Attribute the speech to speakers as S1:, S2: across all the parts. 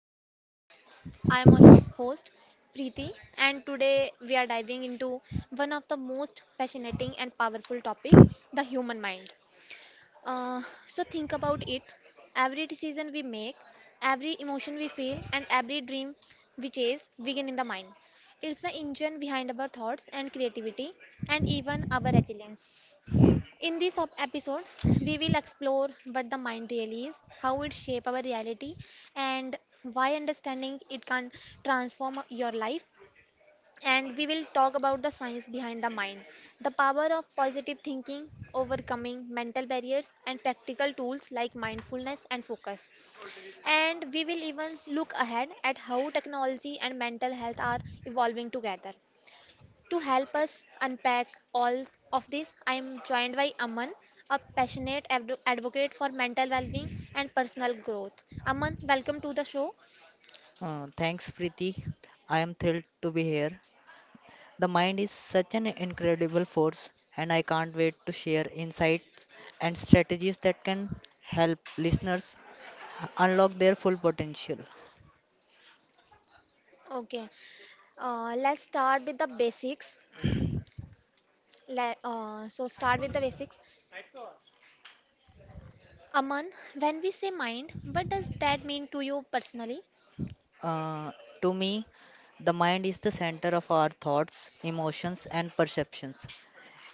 S1: to our podcast. I am our host Preeti, and today we are diving into one of the most fascinating and powerful topic, the human mind. So think about it. Every decision we make, every emotion we feel, and every dream we chase begin in the mind. It's the engine behind our thoughts and creativity, and even our resilience. In this episode, we will explore what the mind really is, how it shapes our reality, and why understanding it can transform your life. And we will talk about the science behind the mind, the power of positive thinking, overcoming mental barriers, and practical tools like mindfulness and focus. And we will even look ahead at how technology and mental health are evolving together. To help us unpack all of this, I am joined by Aman, a passionate advocate for mental well-being and personal growth. Aman, welcome to the show.
S2: Thanks, Preeti. I am thrilled to be here. The mind is such an incredible force, and I can't wait to share insights and strategies that can help listeners unlock their full potential.
S1: Okay, let's start with the basics. So start with the basics. Aman, when we say mind, what does that mean to you personally?
S2: Uh, to me, the mind is the center of our thoughts, emotions, and perceptions.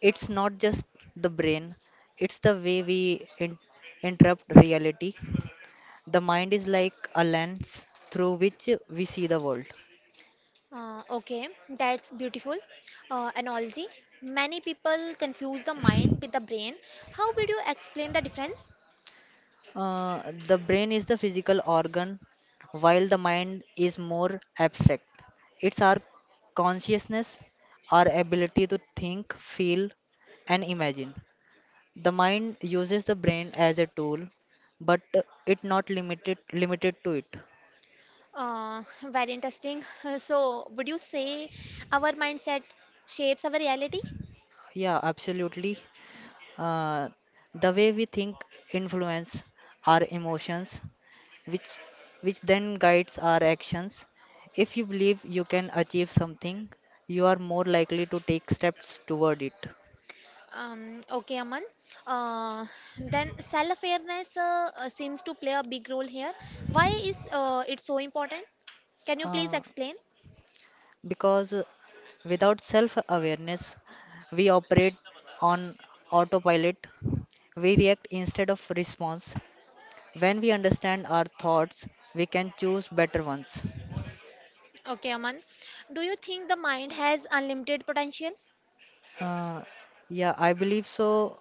S2: It's not just the brain, it's the way we interrupt reality. The mind is like a lens through which we see the world.
S1: Okay, that's beautiful analogy. Many people confuse the mind with the brain. How would you explain the difference?
S2: The brain is the physical organ, while the mind is more abstract. It's our consciousness, our ability to think, feel, and imagine. The mind uses the brain as a tool, but it not limited to it.
S1: Very interesting. So, would you say our mindset shapes our reality?
S2: Yeah, absolutely. Uh, the way we think influence our emotions, which which then guides our actions. If you believe you can achieve something, you are more likely to take steps toward it.
S1: Okay, Aman. Uh, then self-awareness seems to play a big role here. Why is it so important? Can you please
S2: Uh,
S1: explain?
S2: because without self-awareness, we operate on autopilot. We react instead of response. When we understand our thoughts, we can choose better ones.
S1: Okay, Aman. Do you think the mind has unlimited potential?
S2: Uh, yeah, I believe so.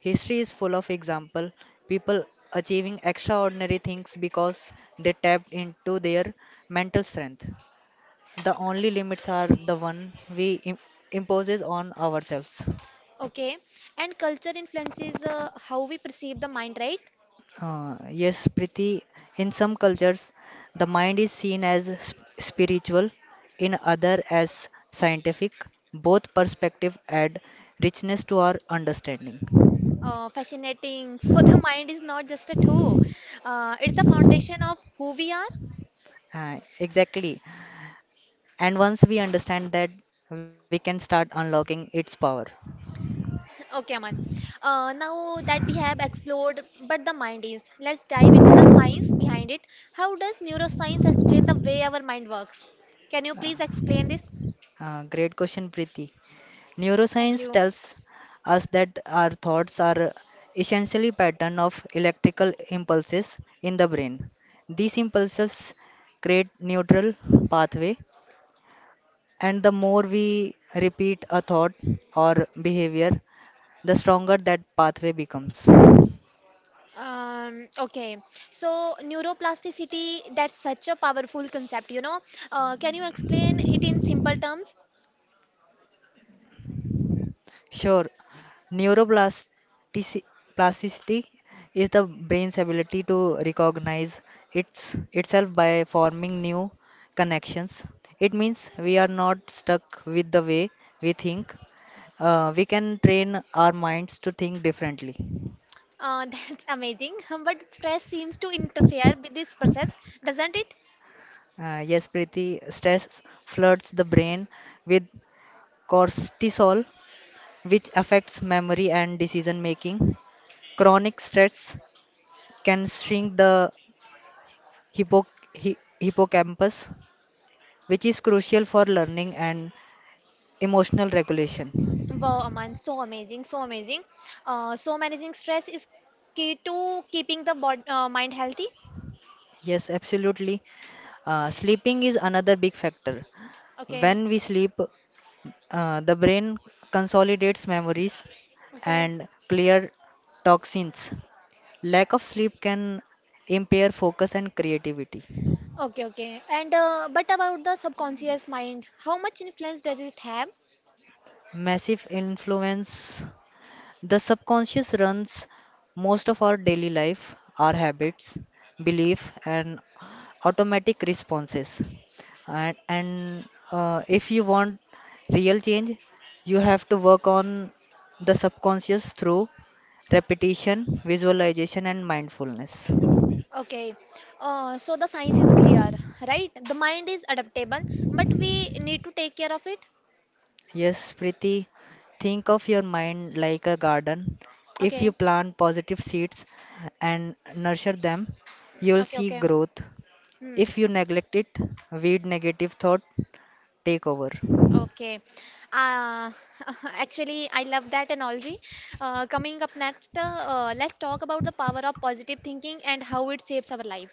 S2: History is full of example people achieving extraordinary things because they tapped into their mental strength. The only limits are the one we imposes on ourselves.
S1: Okay. And culture influences how we perceive the mind, right?
S2: Yes, Priti, in some cultures, the mind is seen as spiritual, in other as scientific. Both perspective add richness to our understanding.
S1: Fascinating. So the mind is not just a tool. It's the foundation of who we are.
S2: Exactly. And once we understand that, we can start unlocking its power.
S1: Okay, Aman. Now that we have explored but the mind is, let's dive into the science behind it. How does neuroscience explain the way our mind works? Can you please explain this?
S2: Great question, Preeti.
S1: Thank
S2: Neuroscience
S1: you.
S2: tells us that our thoughts are essentially pattern of electrical impulses in the brain. These impulses create neutral pathway, and the more we repeat a thought or behavior, the stronger that pathway becomes.
S1: Okay, so neuroplasticity, that's such a powerful concept, you know. Can you explain it in simple terms?
S2: Sure, neuroplasticity plasticity is the brain's ability to recognize itself by forming new connections. It means we are not stuck with the way we think. We can train our minds to think differently.
S1: That's amazing. But stress seems to interfere with this process, doesn't it?
S2: Yes, Preeti, stress floods the brain with cortisol, which affects memory and decision making. Chronic stress can shrink the hippo, hippocampus, which is crucial for learning and emotional regulation.
S1: Wow, Aman, so amazing, so amazing. So managing stress is key to keeping the bod mind healthy.
S2: Yes, absolutely. Sleeping is another big factor.
S1: Okay,
S2: When we sleep, the brain consolidates memories
S1: okay,
S2: and clear toxins. Lack of sleep can impair focus and creativity.
S1: okay, okay. And but about the subconscious mind, how much influence does it have?
S2: Massive influence. The subconscious runs most of our daily life, our habits, belief, and automatic responses. And if you want real change, you have to work on the subconscious through repetition, visualization, and mindfulness.
S1: Okay, so the science is clear, right? The mind is adaptable, but we need to take care of it.
S2: Yes, Preeti, think of your mind like a garden. If
S1: Okay,
S2: you plant positive seeds and nurture them, you'll
S1: okay,
S2: see
S1: okay.
S2: growth.
S1: Hmm.
S2: If you neglect it, weed negative thought take over.
S1: Okay. Uh, actually, I love that analogy. Coming up next, let's talk about the power of positive thinking and how it saves our life.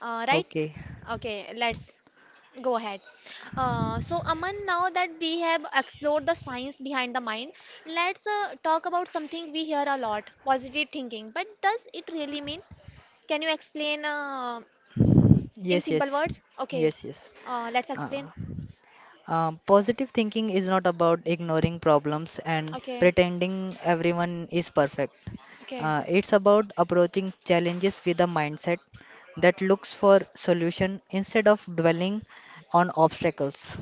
S1: Right?
S2: Okay.
S1: Okay, let's go ahead. So, Aman, now that we have explored the science behind the mind, let's talk about something we hear a lot, positive thinking. But does it really mean? Can you explain in
S2: Yes,
S1: simple
S2: yes.
S1: words? Okay,
S2: Yes, yes.
S1: let's
S2: Uh-uh.
S1: explain.
S2: Positive thinking is not about ignoring problems and
S1: Okay,
S2: pretending everyone is perfect.
S1: okay.
S2: It's about approaching challenges with a mindset that looks for solution instead of dwelling on obstacles.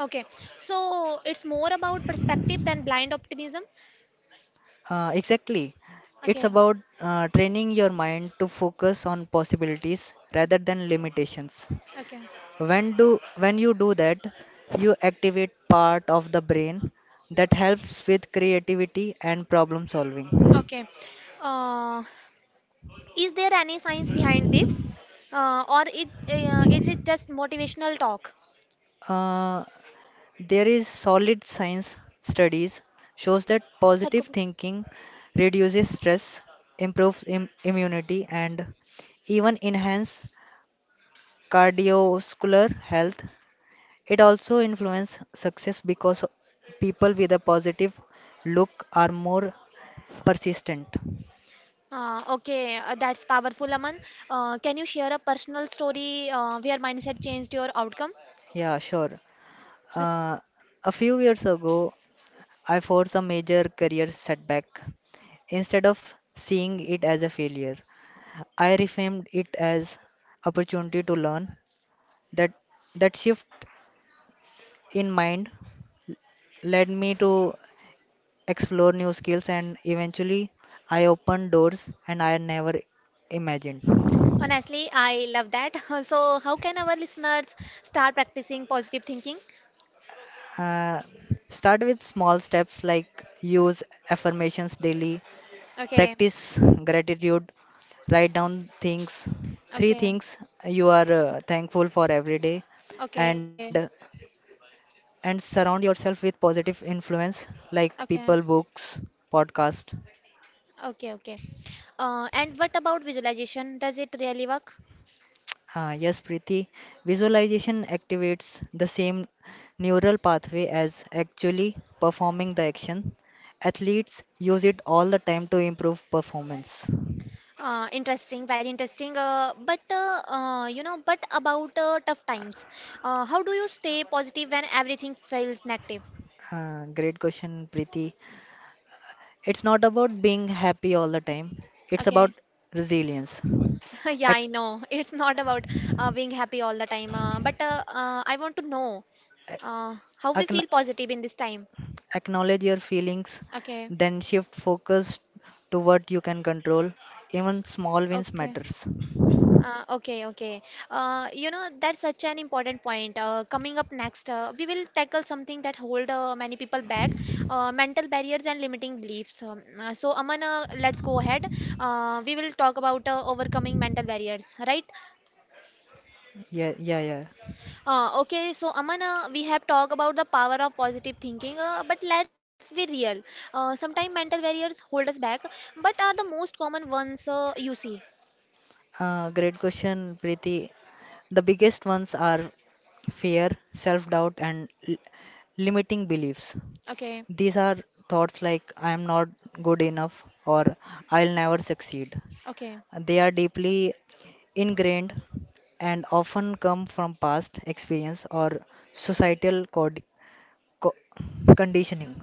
S1: Okay, so it's more about perspective than blind optimism.
S2: Exactly. It's
S1: Okay,
S2: about training your mind to focus on possibilities rather than limitations.
S1: okay,
S2: When you do that, you activate part of the brain that helps with creativity and problem solving.
S1: okay. Uh, is there any science behind this, or it is it just motivational talk?
S2: Uh, there is solid science studies shows that
S1: Sir
S2: positive
S1: Kapoor.
S2: thinking reduces stress, improves immunity, and even enhance cardiovascular health. It also influences success because people with a positive look are more persistent.
S1: Okay, that's powerful, Aman. Can you share a personal story where mindset changed your outcome,
S2: Yeah, sure.
S1: sir?
S2: Uh, a few years ago, I forced a major career setback. Instead of seeing it as a failure, I reframed it as opportunity to learn. That that shift in mind led me to explore new skills and eventually I opened doors and I never imagined.
S1: Honestly, I love that. So, how can our listeners start practicing positive thinking?
S2: Uh, start with small steps like use affirmations daily.
S1: Okay,
S2: Practice gratitude. Write down things, three
S1: okay,
S2: things you are thankful for every day,
S1: okay,
S2: and surround yourself with positive influence like
S1: okay.
S2: people, books, podcast.
S1: Okay, okay. And what about visualization? Does it really work?
S2: Yes, Preeti. Visualization activates the same neural pathway as actually performing the action. Athletes use it all the time to improve performance.
S1: Interesting, very interesting. But about tough times, how do you stay positive when everything feels negative?
S2: Great question, Preeti. It's not about being happy all the time, it's
S1: Okay.
S2: about resilience.
S1: Yeah,
S2: Ac-
S1: I know. It's not about being happy all the time. But I want to know how we
S2: ac-
S1: feel positive in this time.
S2: acknowledge your feelings,
S1: Okay.
S2: then shift focus to what you can control. Even small wins
S1: Okay.
S2: matters.
S1: Okay, okay. You know, that's such an important point. Coming up next, we will tackle something that hold many people back, mental barriers and limiting beliefs. So, Aman, let's go ahead. We will talk about overcoming mental barriers, right?
S2: Yeah, yeah, yeah.
S1: Okay, so Aman, we have talked about the power of positive thinking, but let's be real. Sometimes mental barriers hold us back, but are the most common ones you see.
S2: Great question, Preeti. The biggest ones are fear, self doubt, and limiting beliefs.
S1: Okay,
S2: These are thoughts like I am not good enough or I'll never succeed.
S1: okay.
S2: They are deeply ingrained and often come from past experience or societal co- conditioning.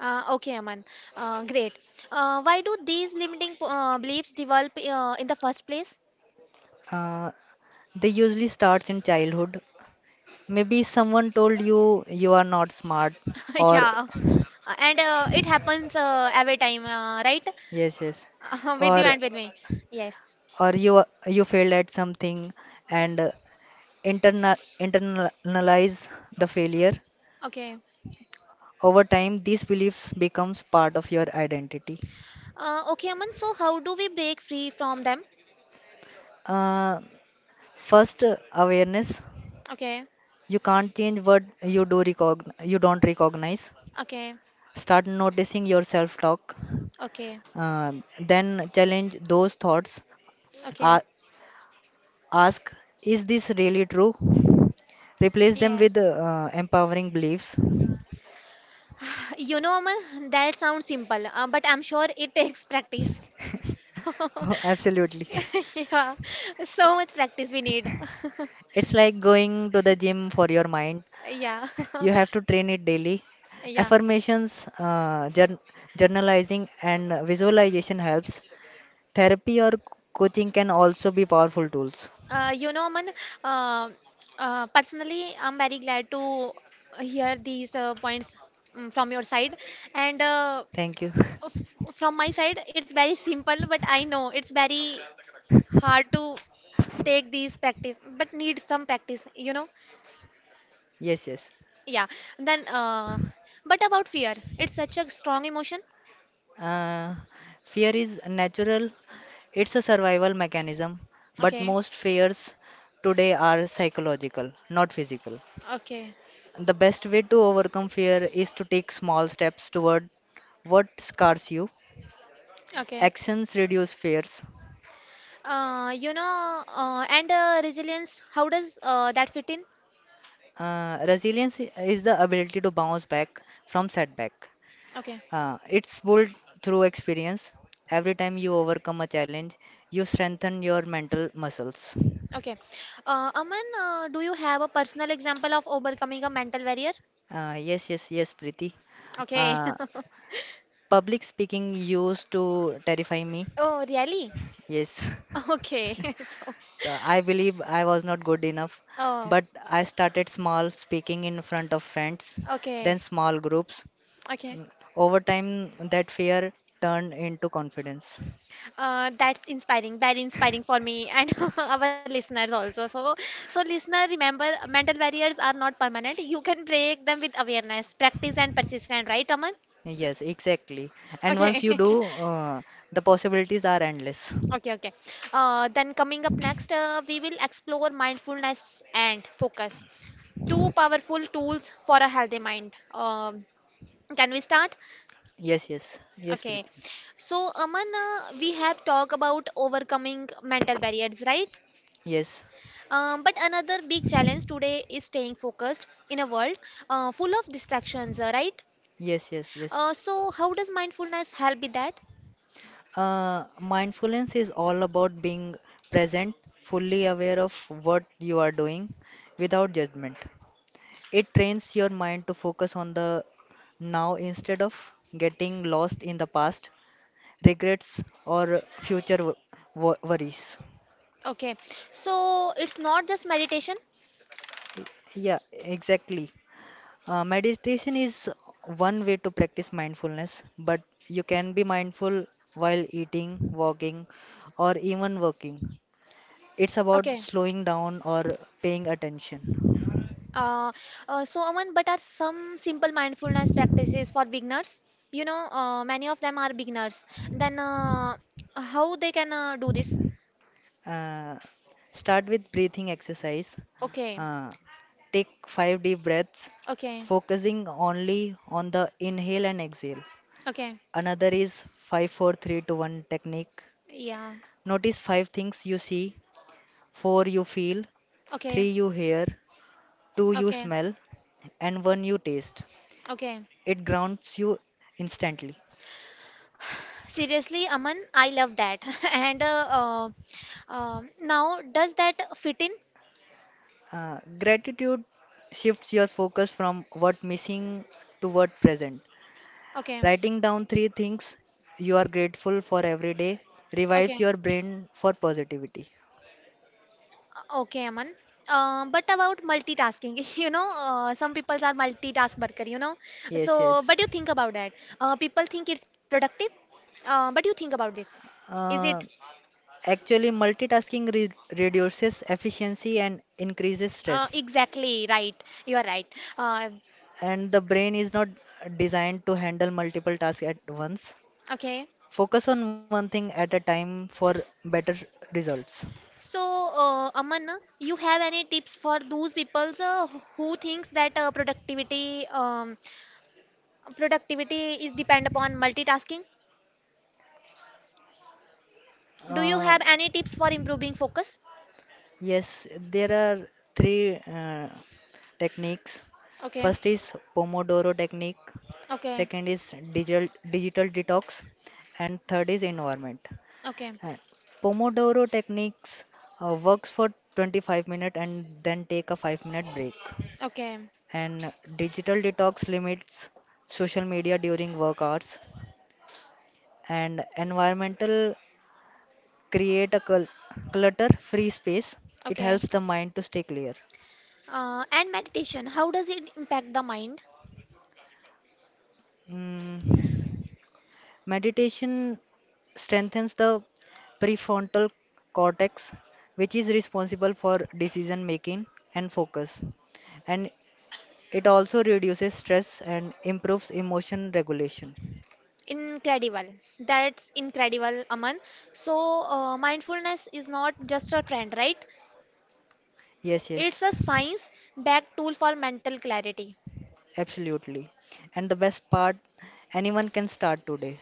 S1: Okay, Aman. Great. Why do these limiting beliefs develop in the first place?
S2: Uh, they usually starts in childhood. Maybe someone told you you are not smart, or
S1: Yeah. And it happens every time, right?
S2: yes, yes,
S1: With you
S2: or
S1: and with me. Yes.
S2: you failed at something and internalize the failure.
S1: Okay.
S2: Over time, these beliefs becomes part of your identity.
S1: Okay, Aman. So, how do we break free from them?
S2: Uh, First, awareness.
S1: Okay.
S2: You can't change what you do you don't recognize.
S1: Okay.
S2: Start noticing your self-talk.
S1: Okay.
S2: Uh, then challenge those thoughts.
S1: Okay.
S2: A- ask, is this really true? Replace them
S1: Yeah.
S2: with empowering beliefs.
S1: You know, Aman, that sounds simple, but I'm sure it takes practice.
S2: Absolutely.
S1: Yeah. So much practice we need.
S2: It's like going to the gym for your mind.
S1: Yeah,
S2: You have to train it daily.
S1: yeah.
S2: Affirmations, journalizing, and visualization helps. Therapy or coaching can also be powerful tools.
S1: You know, Aman, uh, personally, I'm very glad to hear these points from your side. And uh,
S2: Thank you.
S1: f- from my side, it's very simple, but I know it's very hard to take these practice, but need some practice, you know?
S2: Yes, yes.
S1: Yeah. Then, uh, but about fear, it's such a strong emotion.
S2: Uh, fear is natural, it's a survival mechanism, but
S1: Okay,
S2: most fears today are psychological, not physical.
S1: okay,
S2: The best way to overcome fear is to take small steps toward what scars you.
S1: okay.
S2: Actions reduce fears.
S1: And resilience, how does that fit in?
S2: Resilience is the ability to bounce back from setback.
S1: Okay.
S2: It's built through experience. Every time you overcome a challenge, you strengthen your mental muscles.
S1: Okay. Aman, do you have a personal example of overcoming a mental barrier?
S2: Yes, Preeti.
S1: Okay.
S2: Uh, public speaking used to terrify me.
S1: Oh, really?
S2: Yes,
S1: Okay. So,
S2: so I believe I was not good enough,
S1: oh,
S2: but I started small, speaking in front of friends, then
S1: okay.
S2: small groups.
S1: Okay.
S2: Over time, that fear turned into confidence.
S1: That's inspiring. Very inspiring for me and our listeners also. So listener, remember, mental barriers are not permanent. You can break them with awareness, practice, and persistence. Right, Aman?
S2: Yes, exactly. And once
S1: Okay.
S2: you do, the possibilities are endless.
S1: Okay, okay. Then coming up next, we will explore mindfulness and focus. Two powerful tools for a healthy mind. Can we start?
S2: Yes, yes, yes,
S1: Okay.
S2: Preeti.
S1: So, Aman, we have talked about overcoming mental barriers, right?
S2: Yes,
S1: But another big challenge today is staying focused in a world full of distractions, right?
S2: yes, yes, yes.
S1: So, how does mindfulness help with that?
S2: Mindfulness is all about being present, fully aware of what you are doing without judgment. It trains your mind to focus on the now instead of getting lost in the past, regrets, or future worries.
S1: Okay. So, it's not just meditation.
S2: Yeah, exactly. Meditation is one way to practice mindfulness, but you can be mindful while eating, walking, or even working. It's about
S1: Okay.
S2: slowing down or paying attention.
S1: Uh, so, Aman, but are some simple mindfulness practices for beginners? You know, many of them are beginners. Then how they can do this?
S2: Uh, start with breathing exercise.
S1: Okay,
S2: Uh, take five deep breaths,
S1: okay,
S2: focusing only on the inhale and exhale.
S1: okay,
S2: Another is five, four, three, two, one technique.
S1: yeah,
S2: Notice five things you see, four you feel,
S1: okay,
S2: three you hear, two you
S1: okay,
S2: smell and one you taste.
S1: okay.
S2: It grounds you instantly.
S1: Seriously, Aman, I love that. And now, does that fit in?
S2: Gratitude shifts your focus from what missing to what present.
S1: Okay,
S2: Writing down three things you are grateful for every day revives
S1: okay,
S2: your brain for positivity.
S1: Okay, Aman. But about multitasking, you know, some people are multitask worker, you know.
S2: Yes,
S1: So,
S2: yes.
S1: but you think about that. People think it's productive, but you think about it. Is
S2: Uh,
S1: it
S2: actually, multitasking reduces efficiency and increases stress.
S1: exactly right? You are right. Uh,
S2: And the brain is not designed to handle multiple tasks at once.
S1: okay.
S2: Focus on one thing at a time for better results.
S1: So, Aman, you have any tips for those people who thinks that productivity is depend upon multitasking? Do you
S2: Uh,
S1: have any tips for improving focus?
S2: yes, there are three techniques.
S1: Okay.
S2: First is Pomodoro technique,
S1: Okay.
S2: second is digital detox, and third is environment.
S1: Okay,
S2: Uh, Pomodoro techniques works for 25 minutes and then take a 5-minute break.
S1: okay,
S2: And digital detox limits social media during work hours and environmental create a clutter-free space. It
S1: okay.
S2: helps the mind to stay clear.
S1: And meditation, how does it impact the mind?
S2: Mm, meditation strengthens the prefrontal cortex, which is responsible for decision making and focus, and it also reduces stress and improves emotion regulation.
S1: Incredible. That's incredible, Aman. So, mindfulness is not just a trend, right?
S2: Yes,
S1: It's a
S2: yes,
S1: science backed tool for mental clarity.
S2: absolutely. And the best part, anyone can start today.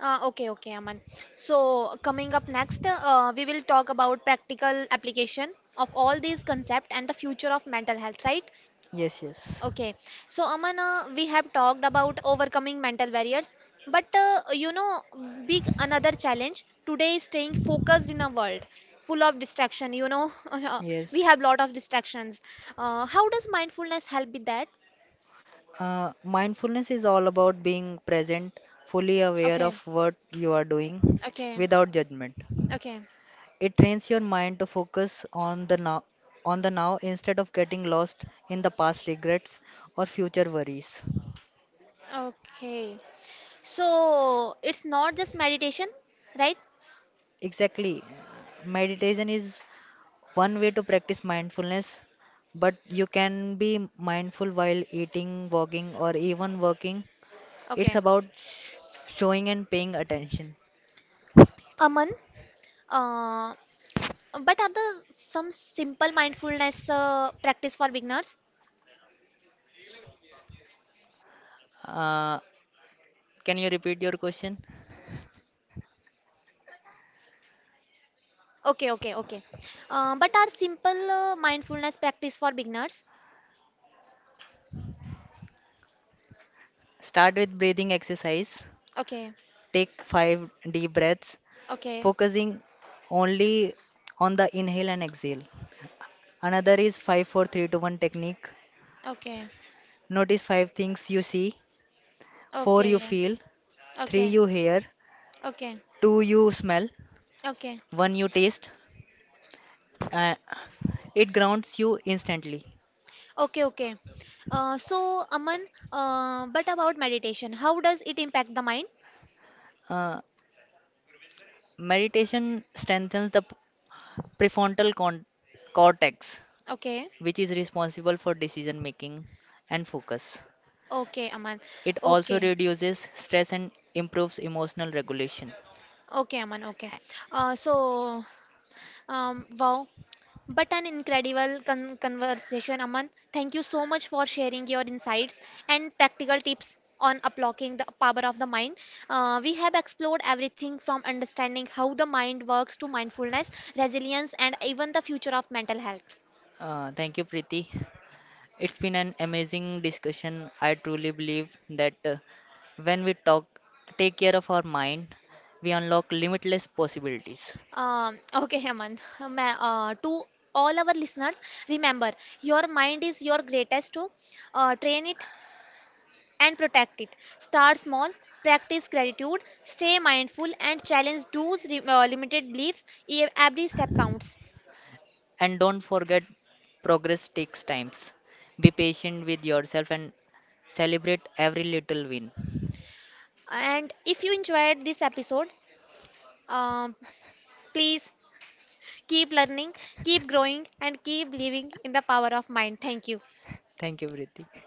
S1: Okay, okay, Aman. So, coming up next, we will talk about practical application of all these concepts and the future of mental health, right?
S2: Yes, yes,
S1: Okay, so Amana, we have talked about overcoming mental barriers, but you know, big another challenge today is staying focused in a world full of distraction. You know, we
S2: yes.
S1: have lot of distractions. How does mindfulness help with that?
S2: Mindfulness is all about being present, fully aware
S1: Okay,
S2: of what you are doing
S1: okay,
S2: without judgment.
S1: okay,
S2: It trains your mind to focus on the now instead of getting lost in the past regrets or future worries.
S1: okay, so it's not just meditation, right?
S2: Exactly. Meditation is one way to practice mindfulness, but you can be mindful while eating, walking, or even working. It's
S1: Okay.
S2: about showing and paying attention.
S1: Aman, uh, but are there some simple mindfulness practice for beginners?
S2: Uh, can you repeat your question?
S1: Okay, okay, okay. But are simple mindfulness practice for beginners?
S2: Start with breathing exercise.
S1: Okay,
S2: Take five deep breaths,
S1: okay,
S2: focusing only on the inhale and exhale. Another is five, four, three, two, one technique.
S1: okay,
S2: Notice five things you see, four you
S1: okay,
S2: feel, three
S1: okay,
S2: you hear,
S1: okay,
S2: two you smell,
S1: okay,
S2: one you taste. Uh, it grounds you instantly.
S1: okay, okay. So, Aman, but about meditation, how does it impact the mind?
S2: Uh, meditation strengthens the prefrontal cortex,
S1: Okay,
S2: which is responsible for decision making and focus.
S1: okay, Aman.
S2: It also
S1: Okay,
S2: reduces stress and improves emotional regulation.
S1: okay, Aman. Okay. Uh, so, wow. But an incredible conversation, Aman. Thank you so much for sharing your insights and practical tips on unlocking the power of the mind. We have explored everything from understanding how the mind works to mindfulness, resilience, and even the future of mental health.
S2: Thank you, Preeti. It's been an amazing discussion. I truly believe that when we talk, take care of our mind, we unlock limitless possibilities.
S1: Okay, Aman. To all our listeners, remember your mind is your greatest tool. Train it, and protect it. Start small, practice gratitude, stay mindful, and challenge those limited beliefs. Every step counts.
S2: And don't forget, progress takes times. Be patient with yourself and celebrate every little win.
S1: And if you enjoyed this episode, um, please keep learning, keep growing, and keep living in the power of mind. Thank you.
S2: Thank you, Preeti.